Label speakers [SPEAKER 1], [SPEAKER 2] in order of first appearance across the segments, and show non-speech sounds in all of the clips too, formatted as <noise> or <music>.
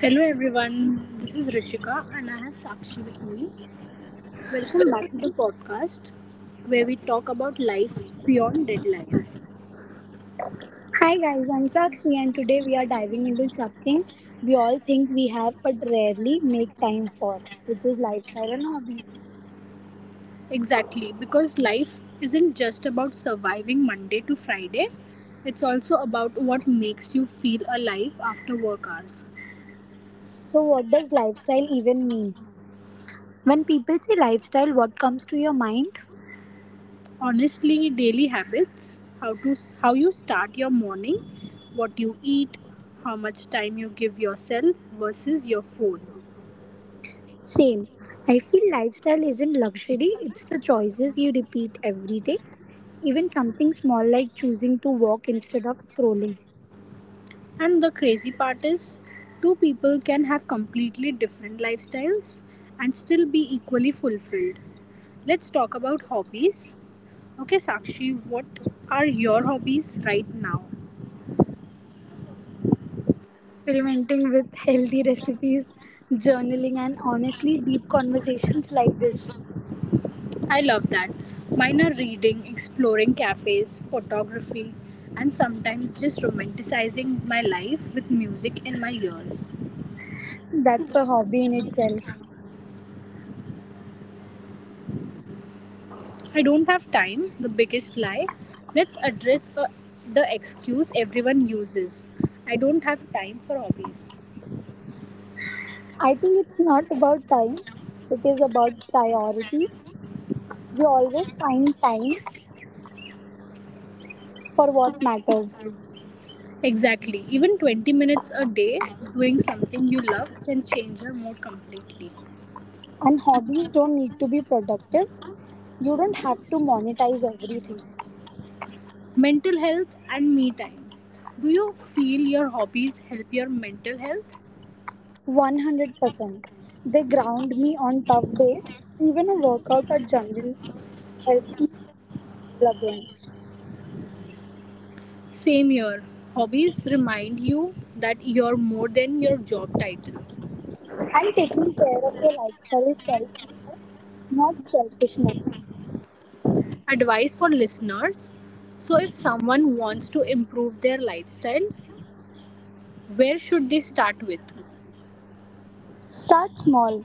[SPEAKER 1] Hello everyone, this is Rishika and I have Sakshi with me. Welcome back to the podcast where we talk about life beyond deadlines.
[SPEAKER 2] Hi guys, I'm Sakshi and today we are diving into something we all think we have but rarely make time for, which is lifestyle and hobbies.
[SPEAKER 1] Exactly, because life isn't just about surviving Monday to Friday, it's also about what makes you feel alive after work hours.
[SPEAKER 2] So what does lifestyle even mean? When people say lifestyle, what comes to your mind?
[SPEAKER 1] Honestly, daily habits, how you start your morning, what you eat, how much time you give yourself versus your phone.
[SPEAKER 2] Same. I feel lifestyle isn't luxury, it's the choices you repeat every day. Even something small like choosing to walk instead of scrolling,
[SPEAKER 1] And the crazy part is, two people can have completely different lifestyles and still be equally fulfilled. Let's talk about hobbies. Okay, Sakshi, what are your hobbies right now?
[SPEAKER 2] experimenting with <laughs> healthy recipes, journaling and honestly deep conversations like this.
[SPEAKER 1] I love that. Mine are reading, exploring cafes, photography, and sometimes just romanticizing my life with music in my ears.
[SPEAKER 2] That's a hobby in itself.
[SPEAKER 1] I don't have time, the biggest lie. Let's address the excuse everyone uses I don't have time for hobbies.
[SPEAKER 2] I think it's not about time, it is about priority. We always find time for what matters.
[SPEAKER 1] Exactly. Even 20 minutes a day doing something you love can change your mood completely.
[SPEAKER 2] And hobbies don't need to be productive. You don't have to monetize everything.
[SPEAKER 1] Mental health and me time. Do you feel your hobbies help your mental health?
[SPEAKER 2] 100%. They ground me on tough days. Even a workout or journal helps me feel again.
[SPEAKER 1] Same here. Hobbies remind you that you're more than your job title.
[SPEAKER 2] And taking care of your lifestyle is self respect, not selfishness.
[SPEAKER 1] Advice for listeners. So, if someone wants to improve their lifestyle, where should they start with?
[SPEAKER 2] Start small.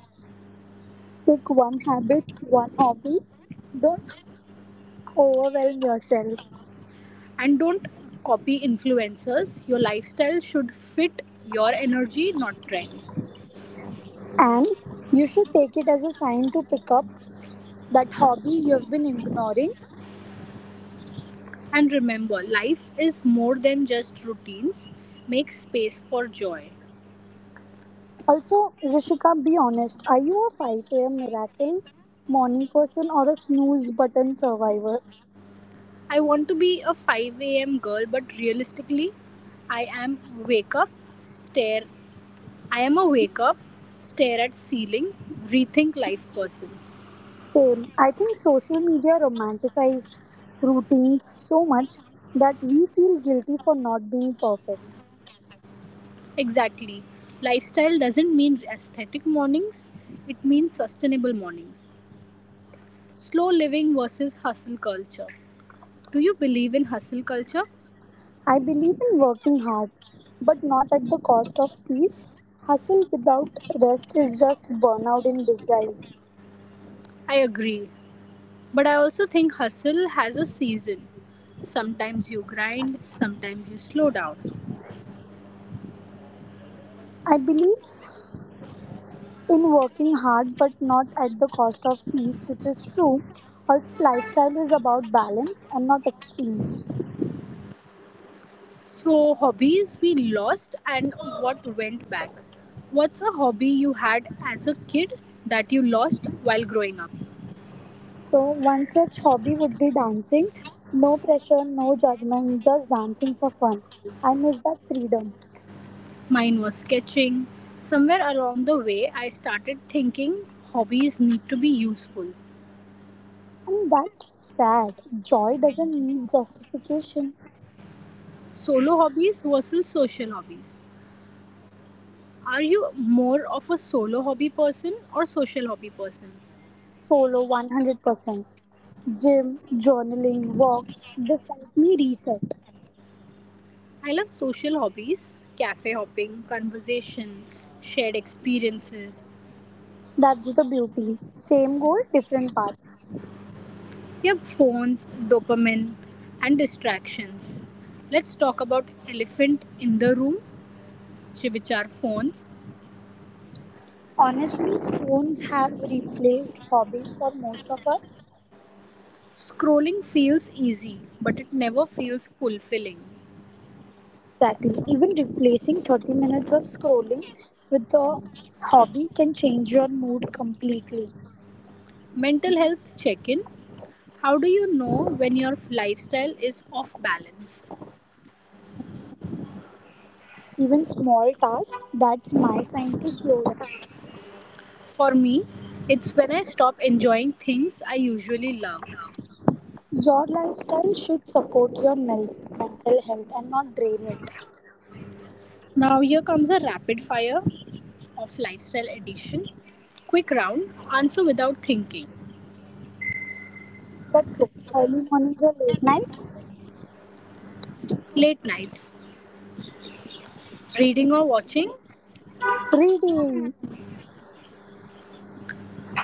[SPEAKER 2] Pick one habit, one hobby. Don't overwhelm yourself.
[SPEAKER 1] And don't copy influencers. Your lifestyle should fit your energy, not trends.
[SPEAKER 2] And you should take it as a sign to pick up that hobby you've been ignoring.
[SPEAKER 1] And remember, life is more than just routines. Make space for joy.
[SPEAKER 2] Also, Rishika, be honest. Are you a 5 a.m. miracle morning person or a snooze button survivor?
[SPEAKER 1] I want to be a 5 a.m. girl, but realistically, I am wake up, stare. I am a wake up, stare at ceiling, rethink life person.
[SPEAKER 2] Same. I think social media romanticizes routines so much that we feel guilty for not being perfect.
[SPEAKER 1] Exactly. Lifestyle doesn't mean aesthetic mornings, it means sustainable mornings. Slow living versus hustle culture. Do you believe in hustle culture?
[SPEAKER 2] I believe in working hard, but not at the cost of peace. Hustle without rest is just burnout in disguise.
[SPEAKER 1] I agree. But I also think hustle has a season. Sometimes you grind, sometimes you slow down.
[SPEAKER 2] I believe in working hard, but not at the cost of peace, which is true. Also, lifestyle is about balance and not extremes.
[SPEAKER 1] So, hobbies we lost and what went back. What's a hobby you had as a kid that you lost while growing up?
[SPEAKER 2] So, one such hobby would be dancing. No pressure, no judgment, just dancing for fun. I miss that freedom.
[SPEAKER 1] Mine was sketching. Somewhere along the way, I started thinking hobbies need to be useful.
[SPEAKER 2] And that's sad. Joy doesn't need justification.
[SPEAKER 1] Solo hobbies versus social hobbies. Are you more of a solo hobby person or social hobby person?
[SPEAKER 2] Solo 100%. Gym, journaling, walks, they help me reset.
[SPEAKER 1] I love social hobbies, cafe hopping, conversation, shared experiences.
[SPEAKER 2] That's the beauty. Same goal, different paths.
[SPEAKER 1] You have phones, dopamine, and distractions. Let's talk about elephant in the room, which are phones.
[SPEAKER 2] Honestly, phones have replaced hobbies for most of us.
[SPEAKER 1] Scrolling feels easy, but it never feels fulfilling.
[SPEAKER 2] Exactly. Even replacing 30 minutes of scrolling with a hobby can change your mood completely.
[SPEAKER 1] Mental health check in. How do you know when your lifestyle is off balance?
[SPEAKER 2] Even small tasks, that's my sign to slow down.
[SPEAKER 1] For me, it's when I stop enjoying things I usually love.
[SPEAKER 2] Your lifestyle should support your mental health and not drain it.
[SPEAKER 1] Now, here comes a rapid fire of lifestyle edition. Quick round, answer without thinking.
[SPEAKER 2] Let's go. Early mornings or late nights?
[SPEAKER 1] Late nights, reading or watching,
[SPEAKER 2] Reading.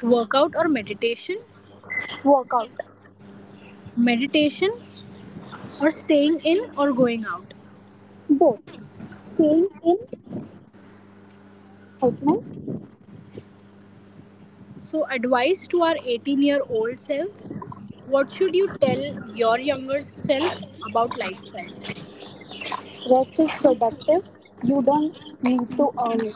[SPEAKER 1] workout or meditation,
[SPEAKER 2] Workout.
[SPEAKER 1] meditation or staying in or going out.
[SPEAKER 2] Both. Staying in excitement,
[SPEAKER 1] So, advice to our 18-year-old selves, what should you tell your younger self about lifestyle?
[SPEAKER 2] rest is productive, you don't need to earn it.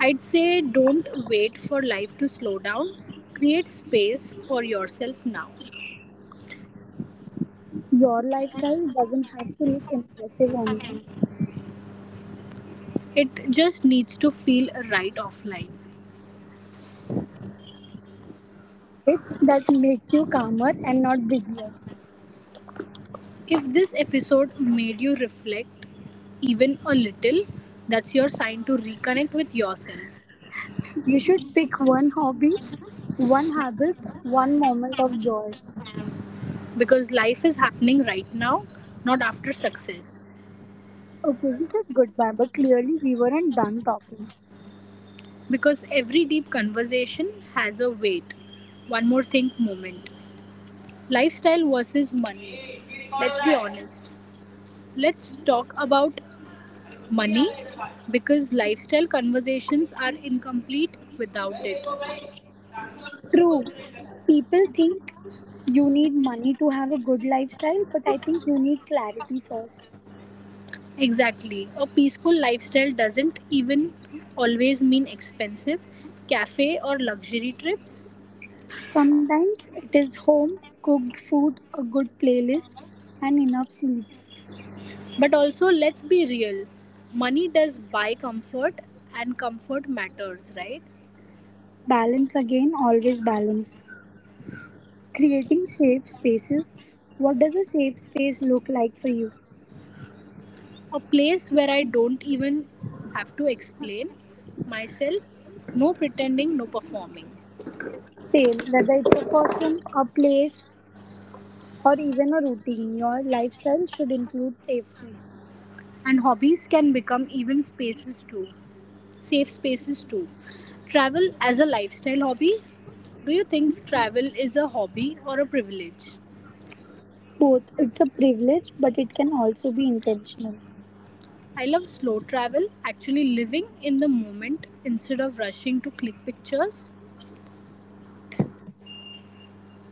[SPEAKER 1] I'd say don't wait for life to slow down. Create space for yourself now.
[SPEAKER 2] Your lifestyle doesn't have to look impressive online.
[SPEAKER 1] It just needs to feel right offline.
[SPEAKER 2] It's that make you calmer and not busier.
[SPEAKER 1] If this episode made you reflect even a little, that's your sign to reconnect with yourself.
[SPEAKER 2] You should pick one hobby, one habit, one moment of joy.
[SPEAKER 1] Because life is happening right now, not after success.
[SPEAKER 2] Okay, we said goodbye, but clearly we weren't done talking.
[SPEAKER 1] Because every deep conversation has a weight. One more thing moment. Lifestyle versus money. Let's be honest. Let's talk about money because lifestyle conversations are incomplete without it.
[SPEAKER 2] True. People think you need money to have a good lifestyle, but I think you need clarity first.
[SPEAKER 1] Exactly. A peaceful lifestyle doesn't even always mean expensive cafe or luxury trips.
[SPEAKER 2] Sometimes it is home cooked food, a good playlist, and enough sleep.
[SPEAKER 1] But also, let's be real, money does buy comfort, and comfort matters, right?
[SPEAKER 2] Balance again, always balance. Creating safe spaces. What does a safe space look like for you?
[SPEAKER 1] A place where I don't even have to explain myself, no pretending, no performing.
[SPEAKER 2] Same, whether it's a person, a place, or even a routine, your lifestyle should include safety.
[SPEAKER 1] And hobbies can become even spaces too, safe spaces too. Travel as a lifestyle hobby? Do you think travel is a hobby or a privilege?
[SPEAKER 2] Both, it's a privilege, but it can also be intentional.
[SPEAKER 1] I love slow travel, actually living in the moment instead of rushing to click pictures,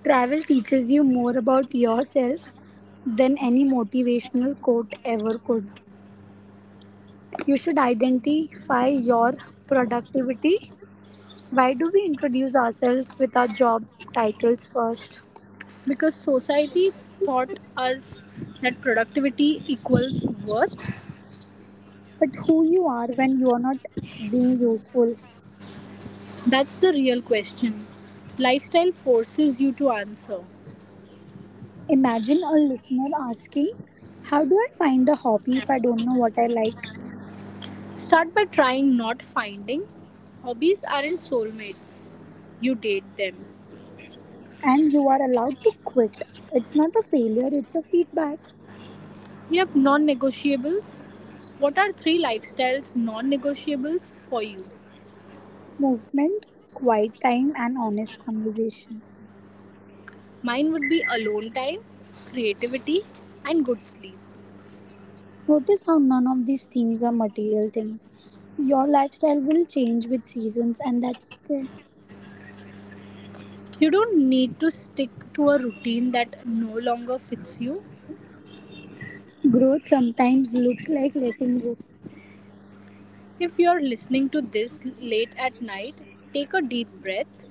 [SPEAKER 2] Travel teaches you more about yourself than any motivational quote ever could. You should identify your productivity. Why do we introduce ourselves with our job titles first?
[SPEAKER 1] because society taught us that productivity equals worth.
[SPEAKER 2] But who you are when you are not being useful.
[SPEAKER 1] That's the real question. Lifestyle forces you to answer.
[SPEAKER 2] Imagine a listener asking, how do I find a hobby if I don't know what I like?
[SPEAKER 1] Start by trying not finding. Hobbies aren't soulmates, you date them.
[SPEAKER 2] And you are allowed to quit. It's not a failure, it's a feedback.
[SPEAKER 1] Yep, non negotiables. What are three lifestyles non negotiables for you?
[SPEAKER 2] Movement, quiet time, and honest conversations.
[SPEAKER 1] Mine would be alone time, creativity, and good sleep.
[SPEAKER 2] Notice how none of these things are material things. Your lifestyle will change with seasons, and that's okay.
[SPEAKER 1] You don't need to stick to a routine that no longer fits you.
[SPEAKER 2] Growth sometimes looks like letting go.
[SPEAKER 1] If you're listening to this late at night, take a deep breath.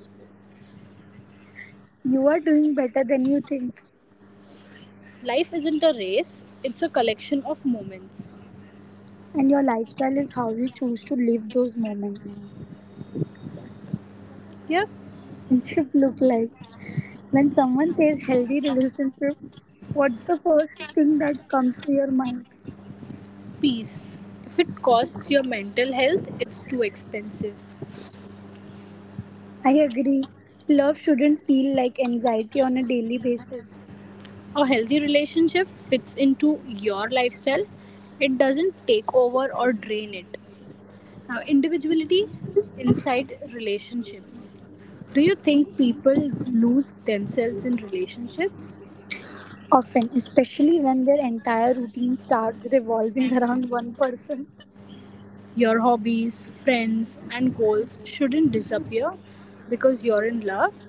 [SPEAKER 2] You are doing better than you think,
[SPEAKER 1] Life isn't a race, it's a collection of moments.
[SPEAKER 2] and your lifestyle is how you choose to live those moments.
[SPEAKER 1] Yep,
[SPEAKER 2] Relationship look like? When someone says healthy relationship, what's the first thing that comes to your mind?
[SPEAKER 1] peace. If it costs your mental health, it's too expensive.
[SPEAKER 2] I agree. Love shouldn't feel like anxiety on a daily basis.
[SPEAKER 1] A healthy relationship fits into your lifestyle. It doesn't take over or drain it. Now, individuality inside relationships. Do you think people lose themselves in relationships?
[SPEAKER 2] Often, especially when their entire routine starts revolving around one person.
[SPEAKER 1] Your hobbies, friends, and goals shouldn't disappear because you're in love.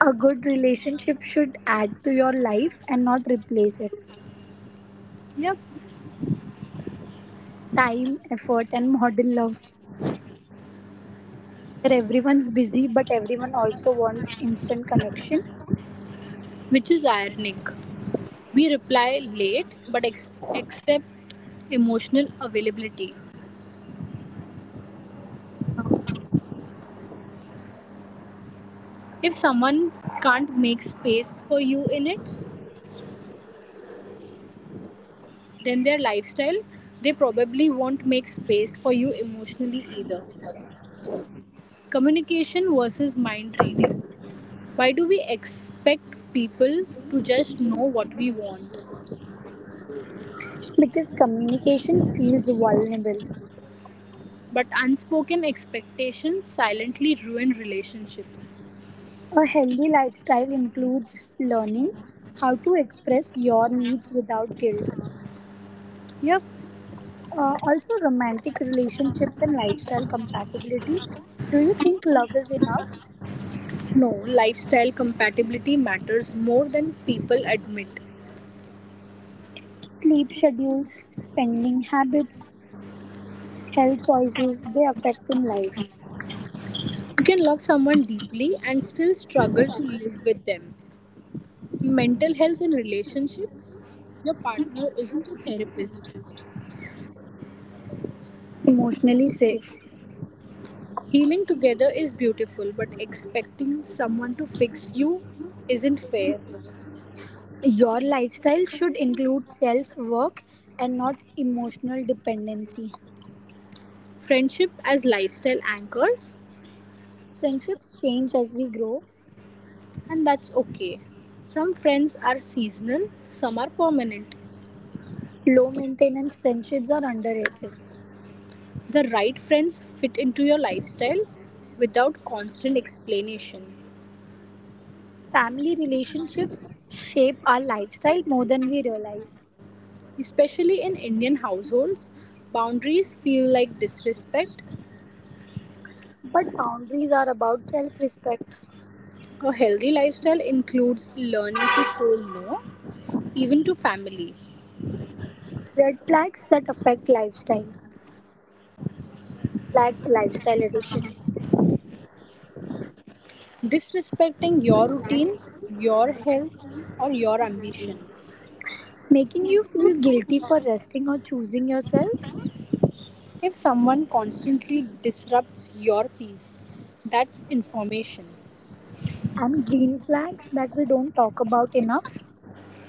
[SPEAKER 2] A good relationship should add to your life and not replace it.
[SPEAKER 1] Yep.
[SPEAKER 2] Time, effort, and modern love. Where everyone's busy, but everyone also wants instant connection
[SPEAKER 1] Which is ironic. We reply late but accept emotional availability. If someone can't make space for you in it, then their lifestyle, they probably won't make space for you emotionally either. Communication versus mind reading. Why do we expect people to just know what we want?
[SPEAKER 2] because communication feels vulnerable.
[SPEAKER 1] But unspoken expectations silently ruin relationships.
[SPEAKER 2] A healthy lifestyle includes learning how to express your needs without guilt.
[SPEAKER 1] Yep.
[SPEAKER 2] Also, romantic relationships and lifestyle compatibility. Do you think love is enough?
[SPEAKER 1] No, lifestyle compatibility matters more than people admit.
[SPEAKER 2] Sleep schedules, spending habits, health choices, they affect in life.
[SPEAKER 1] You can love someone deeply and still struggle to live with them. Mental health in relationships. Your partner isn't a therapist.
[SPEAKER 2] Emotionally safe.
[SPEAKER 1] Healing together is beautiful, but expecting someone to fix you isn't fair.
[SPEAKER 2] Your lifestyle should include self work and not emotional dependency.
[SPEAKER 1] Friendship as lifestyle anchors,
[SPEAKER 2] Friendships change as we grow.
[SPEAKER 1] and that's okay. Some friends are seasonal, some are permanent.
[SPEAKER 2] Low maintenance friendships are underrated.
[SPEAKER 1] The right friends fit into your lifestyle without constant explanation.
[SPEAKER 2] Family relationships shape our lifestyle more than we realize.
[SPEAKER 1] Especially in Indian households, boundaries feel like disrespect.
[SPEAKER 2] But boundaries are about self respect.
[SPEAKER 1] A healthy lifestyle includes learning to say no, even to family.
[SPEAKER 2] Red flags that affect lifestyle. Black Lifestyle Edition.
[SPEAKER 1] Disrespecting your routine, your health, or your ambitions.
[SPEAKER 2] Making you feel guilty for resting or choosing yourself.
[SPEAKER 1] If someone constantly disrupts your peace, that's information.
[SPEAKER 2] And green flags that we don't talk about enough.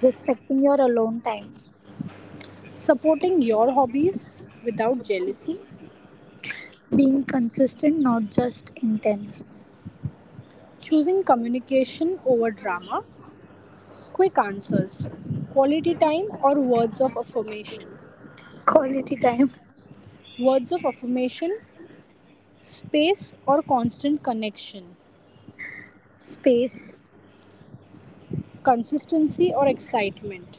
[SPEAKER 2] Respecting your alone time.
[SPEAKER 1] Supporting your hobbies without jealousy,
[SPEAKER 2] Being consistent, not just intense.
[SPEAKER 1] choosing communication over drama, quick answers, quality time, or words of affirmation.
[SPEAKER 2] Quality time.
[SPEAKER 1] Words of affirmation, space or constant connection,
[SPEAKER 2] Space.
[SPEAKER 1] consistency or excitement.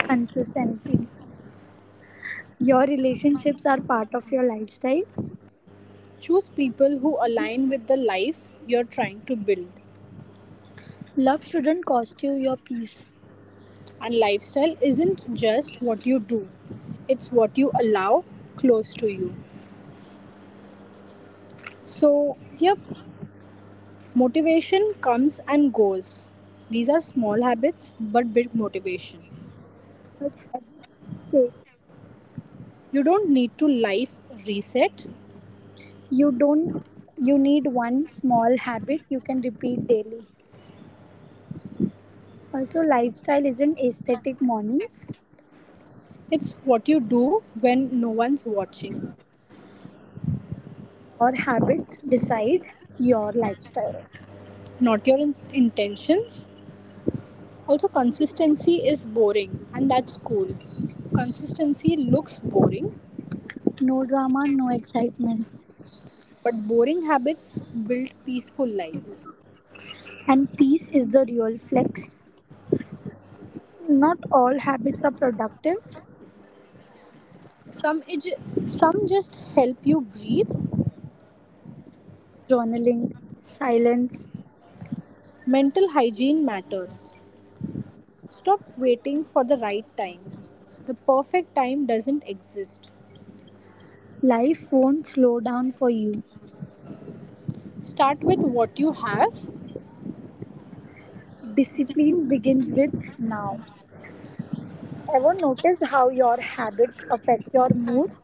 [SPEAKER 2] Consistency. Your relationships are part of your lifestyle.
[SPEAKER 1] Choose people who align with the life you're trying to build.
[SPEAKER 2] Love shouldn't cost you your peace,
[SPEAKER 1] And lifestyle isn't just what you do, it's what you allow close to you. So, yep, motivation comes and goes. These are small habits but big motivation.
[SPEAKER 2] but habits stay.
[SPEAKER 1] You don't need to life reset,
[SPEAKER 2] You don't you need one small habit you can repeat daily. Also lifestyle isn't aesthetic mornings
[SPEAKER 1] it's what you do when no one's watching,
[SPEAKER 2] or habits decide your lifestyle,
[SPEAKER 1] not your intentions. Also, consistency is boring, and that's cool. Consistency looks boring,
[SPEAKER 2] no drama no excitement,
[SPEAKER 1] but boring habits build peaceful lives.
[SPEAKER 2] and peace is the real flex. Not all habits are productive.
[SPEAKER 1] Some some just help you breathe.
[SPEAKER 2] Journaling, silence.
[SPEAKER 1] Mental hygiene matters. Stop waiting for the right time. The perfect time doesn't exist.
[SPEAKER 2] Life won't slow down for you.
[SPEAKER 1] Start with what you have.
[SPEAKER 2] Discipline begins with now. Ever notice how your habits affect your mood?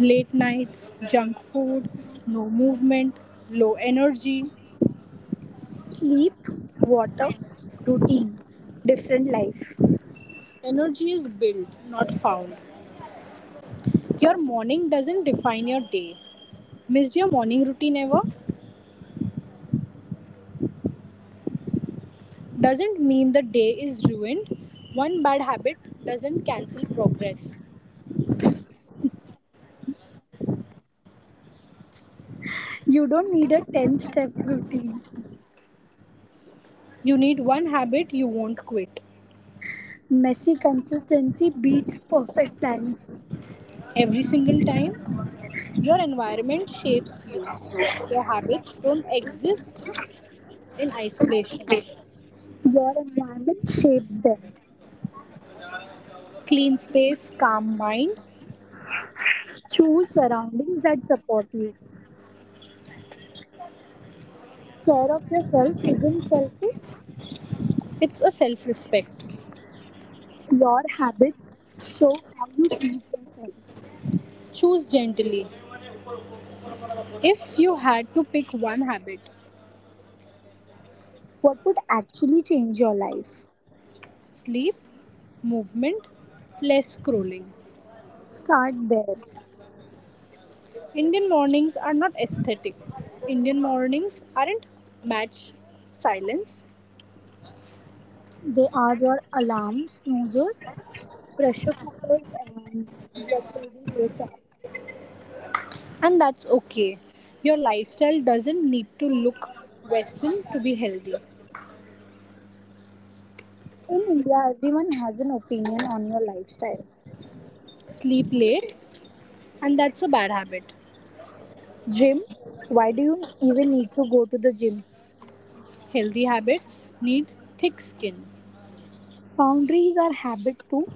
[SPEAKER 1] Late nights, junk food, no movement, low energy.
[SPEAKER 2] Sleep, water, routine, different life.
[SPEAKER 1] Energy is built, not found. Your morning doesn't define your day. Missed your morning routine ever? Doesn't mean the day is ruined. One bad habit doesn't cancel progress.
[SPEAKER 2] You don't need a 10 step routine.
[SPEAKER 1] You need one habit you won't quit.
[SPEAKER 2] Messy consistency beats perfect planning.
[SPEAKER 1] Every single time, your environment shapes you. Your habits don't exist in isolation.
[SPEAKER 2] Your environment shapes them.
[SPEAKER 1] Clean space, calm mind,
[SPEAKER 2] Choose surroundings that support you. Care of yourself isn't selfish.
[SPEAKER 1] it's a self respect.
[SPEAKER 2] Your habits show how you treat yourself.
[SPEAKER 1] Choose gently. If you had to pick one habit,
[SPEAKER 2] What would actually change your life?
[SPEAKER 1] sleep, movement, less scrolling,
[SPEAKER 2] Start there.
[SPEAKER 1] Indian mornings are not aesthetic. Indian mornings aren't match silence,
[SPEAKER 2] They are your alarms, snoozers, pressure cookers, and get ready ASAP.
[SPEAKER 1] and that's okay. Your lifestyle doesn't need to look Western to be healthy.
[SPEAKER 2] In India, everyone has an opinion on your lifestyle.
[SPEAKER 1] Sleep late, and that's a bad habit.
[SPEAKER 2] Gym, why do you even need to go to the gym?
[SPEAKER 1] Healthy habits need thick skin.
[SPEAKER 2] Boundaries are habit too,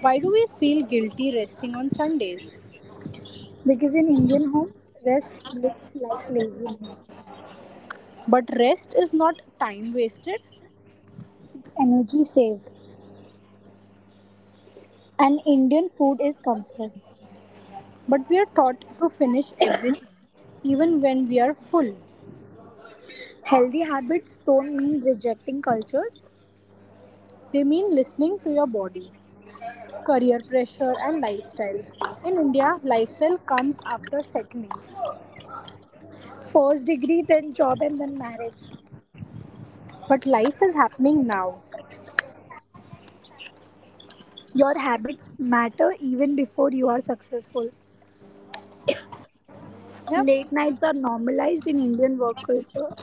[SPEAKER 1] Why do we feel guilty resting on Sundays?
[SPEAKER 2] because in Indian homes, rest looks like laziness.
[SPEAKER 1] But rest is not time wasted,
[SPEAKER 2] It's energy saved, and Indian food is comfort.
[SPEAKER 1] but we are taught to finish everything, even when we are full.
[SPEAKER 2] Healthy habits don't mean rejecting cultures.
[SPEAKER 1] They mean listening to your body. Career pressure and lifestyle. In India, lifestyle comes after settling,
[SPEAKER 2] First degree, then job, and then marriage.
[SPEAKER 1] but life is happening now.
[SPEAKER 2] Your habits matter even before you are successful. Late
[SPEAKER 1] Yep.
[SPEAKER 2] nights are normalized in Indian work culture.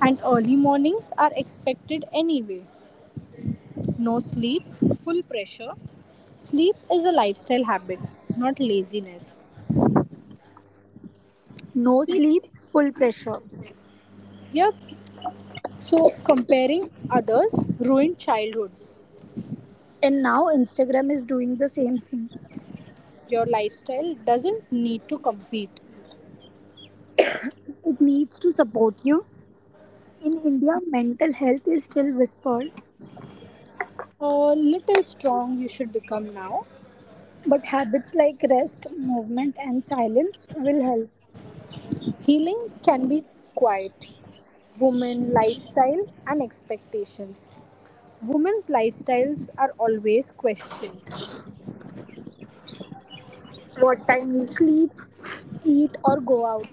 [SPEAKER 1] And early mornings are expected anyway. No sleep, full pressure. Sleep is a lifestyle habit, not laziness.
[SPEAKER 2] No
[SPEAKER 1] Sleep.
[SPEAKER 2] sleep, full pressure.
[SPEAKER 1] Yep. So comparing others ruined childhoods.
[SPEAKER 2] And now Instagram is doing the same thing.
[SPEAKER 1] Your lifestyle doesn't need to compete.
[SPEAKER 2] It needs to support you. In India mental health is still whispered,
[SPEAKER 1] A little strong you should become now.
[SPEAKER 2] but habits like rest movement and silence will help.
[SPEAKER 1] Healing can be quiet. Women lifestyle and expectations. Women's lifestyles are always questioned.
[SPEAKER 2] What time you sleep, eat or go out,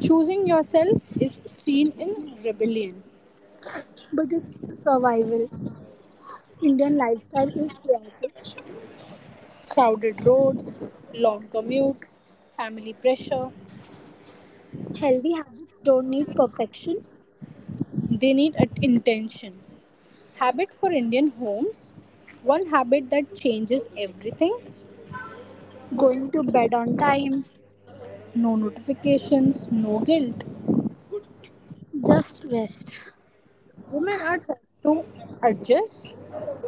[SPEAKER 1] Choosing yourself is seen in rebellion.
[SPEAKER 2] but it's survival. Indian lifestyle is chaotic.
[SPEAKER 1] Crowded roads, long commutes, family pressure.
[SPEAKER 2] Healthy habits don't need perfection.
[SPEAKER 1] They need intention. Habit for Indian homes. One habit that changes everything.
[SPEAKER 2] Going to bed on time,
[SPEAKER 1] No notifications, no guilt.
[SPEAKER 2] just rest.
[SPEAKER 1] Women are taught to adjust.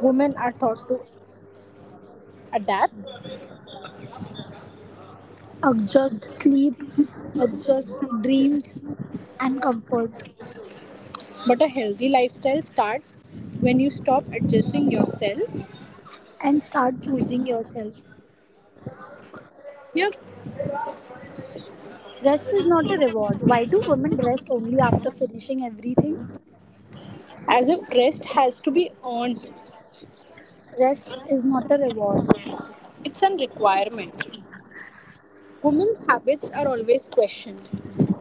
[SPEAKER 1] Women are taught to adapt.
[SPEAKER 2] Adjust sleep, adjust dreams and comfort,
[SPEAKER 1] But a healthy lifestyle starts when you stop adjusting yourself.
[SPEAKER 2] and start choosing yourself.
[SPEAKER 1] Yeah,
[SPEAKER 2] Rest is not a reward. Why do women rest only after finishing everything?
[SPEAKER 1] as if rest has to be earned.
[SPEAKER 2] Rest is not a reward.
[SPEAKER 1] It's a requirement. Women's habits are always questioned.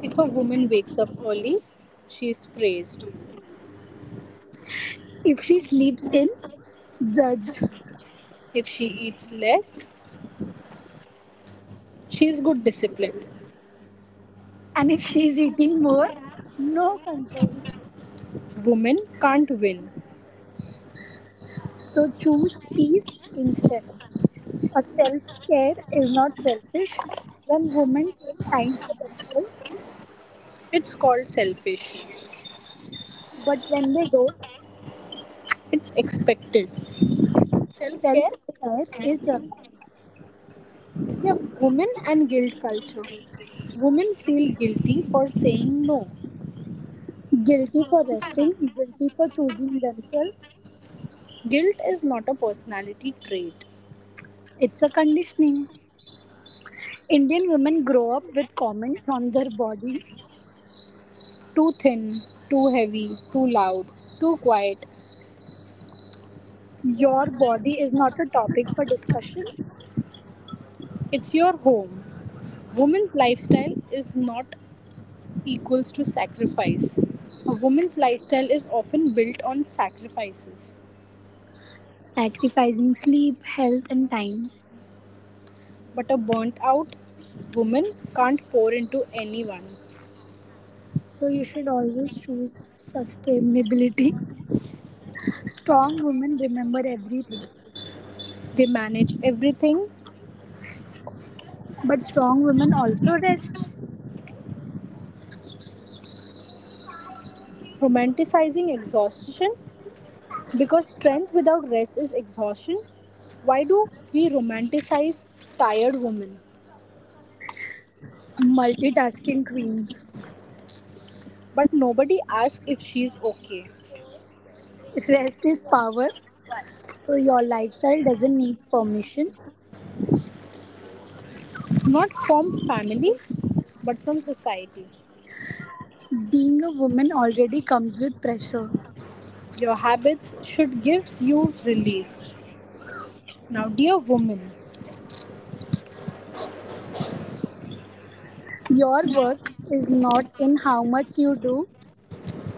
[SPEAKER 1] If a woman wakes up early, she is praised.
[SPEAKER 2] If she sleeps in, judged.
[SPEAKER 1] If she eats less, she is good disciplined.
[SPEAKER 2] And if she is eating more, no control.
[SPEAKER 1] Women can't win.
[SPEAKER 2] So choose peace instead. A self care is not selfish. When women take time for themselves,
[SPEAKER 1] It's called selfish.
[SPEAKER 2] but when they don't,
[SPEAKER 1] It's expected. Self
[SPEAKER 2] self
[SPEAKER 1] care?
[SPEAKER 2] care is survival.
[SPEAKER 1] Yeah, women and guilt culture. Women feel guilty for saying no.
[SPEAKER 2] Guilty for resting, guilty for choosing themselves.
[SPEAKER 1] Guilt is not a personality trait.
[SPEAKER 2] It's a conditioning. Indian women grow up with comments on their bodies.
[SPEAKER 1] Too thin, too heavy, too loud, too quiet.
[SPEAKER 2] Your body is not a topic for discussion,
[SPEAKER 1] It's your home. Woman's lifestyle is not equals to sacrifice. A woman's lifestyle is often built on sacrifices.
[SPEAKER 2] sacrificing sleep, health, and time.
[SPEAKER 1] But a burnt out woman can't pour into anyone.
[SPEAKER 2] So you should always choose sustainability. <laughs> Strong women remember everything,
[SPEAKER 1] They manage everything,
[SPEAKER 2] but strong women also rest.
[SPEAKER 1] romanticizing exhaustion because strength without rest is exhaustion. Why do we romanticize tired women?
[SPEAKER 2] Multitasking queens.
[SPEAKER 1] But nobody asks if she's okay.
[SPEAKER 2] Rest is power, so your lifestyle doesn't need permission.
[SPEAKER 1] Not from family, but from society.
[SPEAKER 2] Being a woman already comes with pressure.
[SPEAKER 1] Your habits should give you relief. Now, dear woman,
[SPEAKER 2] Your worth is not in how much you do,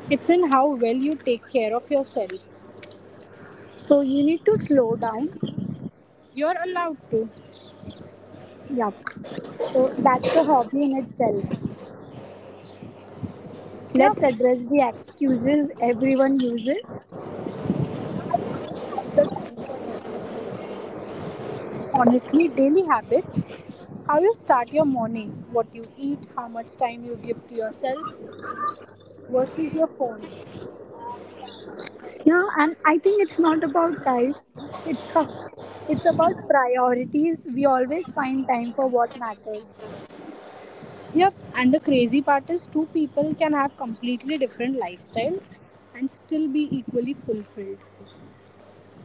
[SPEAKER 1] it's in how well you take care of yourself.
[SPEAKER 2] so you need to slow down.
[SPEAKER 1] You're allowed to.
[SPEAKER 2] Yup. So that's a hobby in itself. Let's
[SPEAKER 1] Yep.
[SPEAKER 2] address the excuses everyone uses. And it is, I don't have the time for hobbies.
[SPEAKER 1] Honestly, daily habits, how you start your morning, what you eat, how much time you give to yourself versus your phone.
[SPEAKER 2] Yeah, and I think it's not about time. It's a, it's about priorities. We always find time for what matters.
[SPEAKER 1] Yep, and the crazy part is two people can have completely different lifestyles and still be equally fulfilled.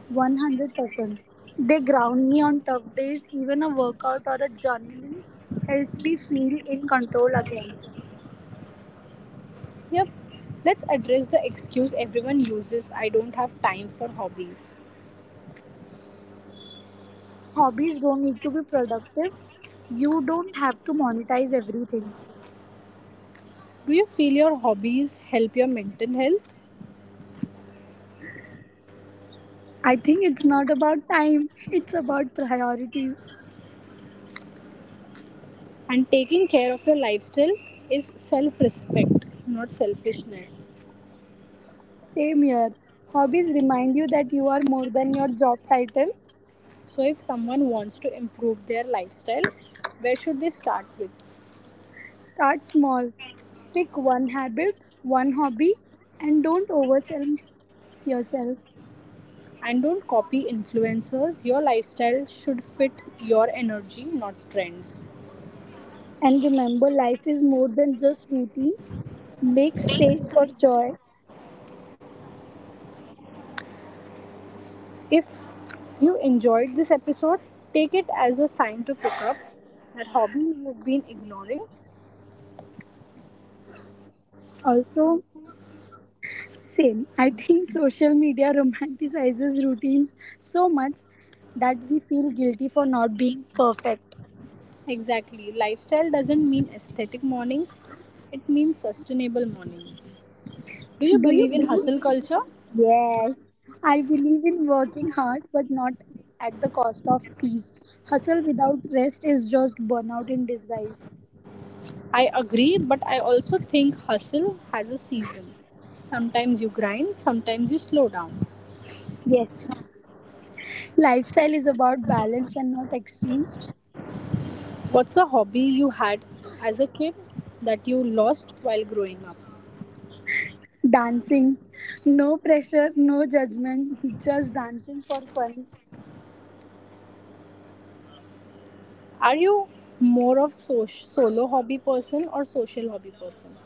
[SPEAKER 2] 100%. They ground me on tough days. Even a workout or a journaling helps me feel in control again.
[SPEAKER 1] Yep. Let's address the excuse everyone uses I don't have time for hobbies.
[SPEAKER 2] Hobbies don't need to be productive. You don't have to monetize everything.
[SPEAKER 1] Do you feel your hobbies help your mental health?
[SPEAKER 2] I think it's not about time, it's about priorities.
[SPEAKER 1] And taking care of your lifestyle is self respect, not selfishness.
[SPEAKER 2] Same here. Hobbies remind you that you are more than your job title.
[SPEAKER 1] So, if someone wants to improve their lifestyle, where should they start with?
[SPEAKER 2] Start small. Pick one habit, one hobby, and don't oversell yourself.
[SPEAKER 1] And don't copy influencers. Your lifestyle should fit your energy, not trends.
[SPEAKER 2] And remember, life is more than just routines. Make space for joy.
[SPEAKER 1] If you enjoyed this episode, take it as a sign to pick up that hobby you've been ignoring.
[SPEAKER 2] Also, same. I think social media romanticizes routines so much that we feel guilty for not being perfect.
[SPEAKER 1] Exactly. Lifestyle doesn't mean aesthetic mornings, it means sustainable mornings. Do you
[SPEAKER 2] Do you
[SPEAKER 1] believe in hustle
[SPEAKER 2] believe?
[SPEAKER 1] culture?
[SPEAKER 2] Yes. I believe in working hard but not at the cost of peace. Hustle without rest is just burnout in disguise.
[SPEAKER 1] I agree, but I also think hustle has a season. Sometimes you grind, sometimes you slow down.
[SPEAKER 2] Yes. Lifestyle is about balance and not extremes.
[SPEAKER 1] What's a hobby you had as a kid that you lost while growing up?
[SPEAKER 2] Dancing. No pressure, no judgment, <laughs> just dancing for fun.
[SPEAKER 1] Are you more of solo hobby person or social hobby person?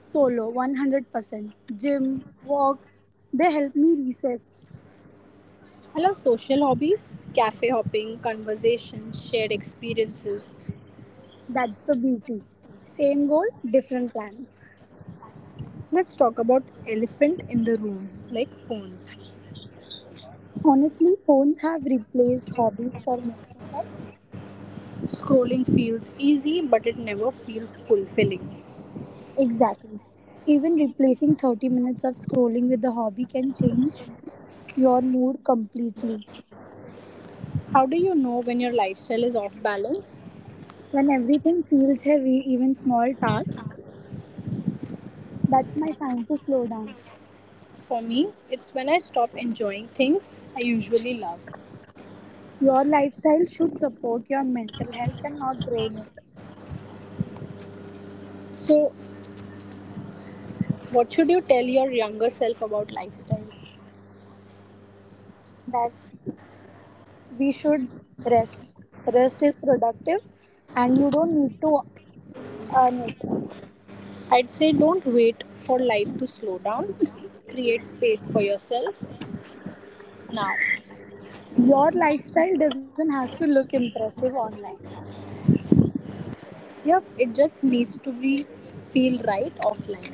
[SPEAKER 2] Solo, 100%. Gym, walks, they help me reset.
[SPEAKER 1] I love social hobbies, cafe hopping, conversation, shared experiences.
[SPEAKER 2] That's the beauty. Same goal, different plans.
[SPEAKER 1] Let's talk about elephant in the room, like phones.
[SPEAKER 2] Honestly, phones have replaced hobbies for most of us.
[SPEAKER 1] Scrolling feels easy, but it never feels fulfilling.
[SPEAKER 2] Exactly. Even replacing 30 minutes of scrolling with a hobby can change your mood completely.
[SPEAKER 1] How do you know when your lifestyle is off balance?
[SPEAKER 2] When everything feels heavy, even small tasks, that's my sign to slow down.
[SPEAKER 1] For me, it's when I stop enjoying things I usually love.
[SPEAKER 2] Your lifestyle should support your mental health and not drain it.
[SPEAKER 1] So, what should you tell your younger self about lifestyle?
[SPEAKER 2] That we should rest. Rest is productive, and you don't need to earn it.
[SPEAKER 1] I'd say don't wait for life to slow down. Create space for yourself now.
[SPEAKER 2] Your lifestyle doesn't have to look impressive online.
[SPEAKER 1] Yep, it just needs to be feel right offline.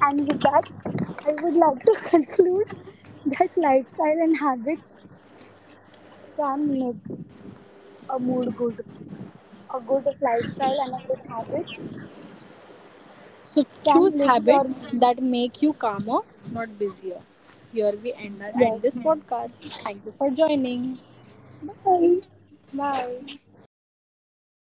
[SPEAKER 2] And with that, I would like to <laughs> conclude that lifestyle and habits can make a mood good. A good lifestyle and a good habit
[SPEAKER 1] So
[SPEAKER 2] can
[SPEAKER 1] choose
[SPEAKER 2] lift your
[SPEAKER 1] habits
[SPEAKER 2] mood.
[SPEAKER 1] that make you calmer, not busier. Here we end
[SPEAKER 2] Yes.
[SPEAKER 1] this podcast. Thank you for joining.
[SPEAKER 2] Bye.
[SPEAKER 1] Bye.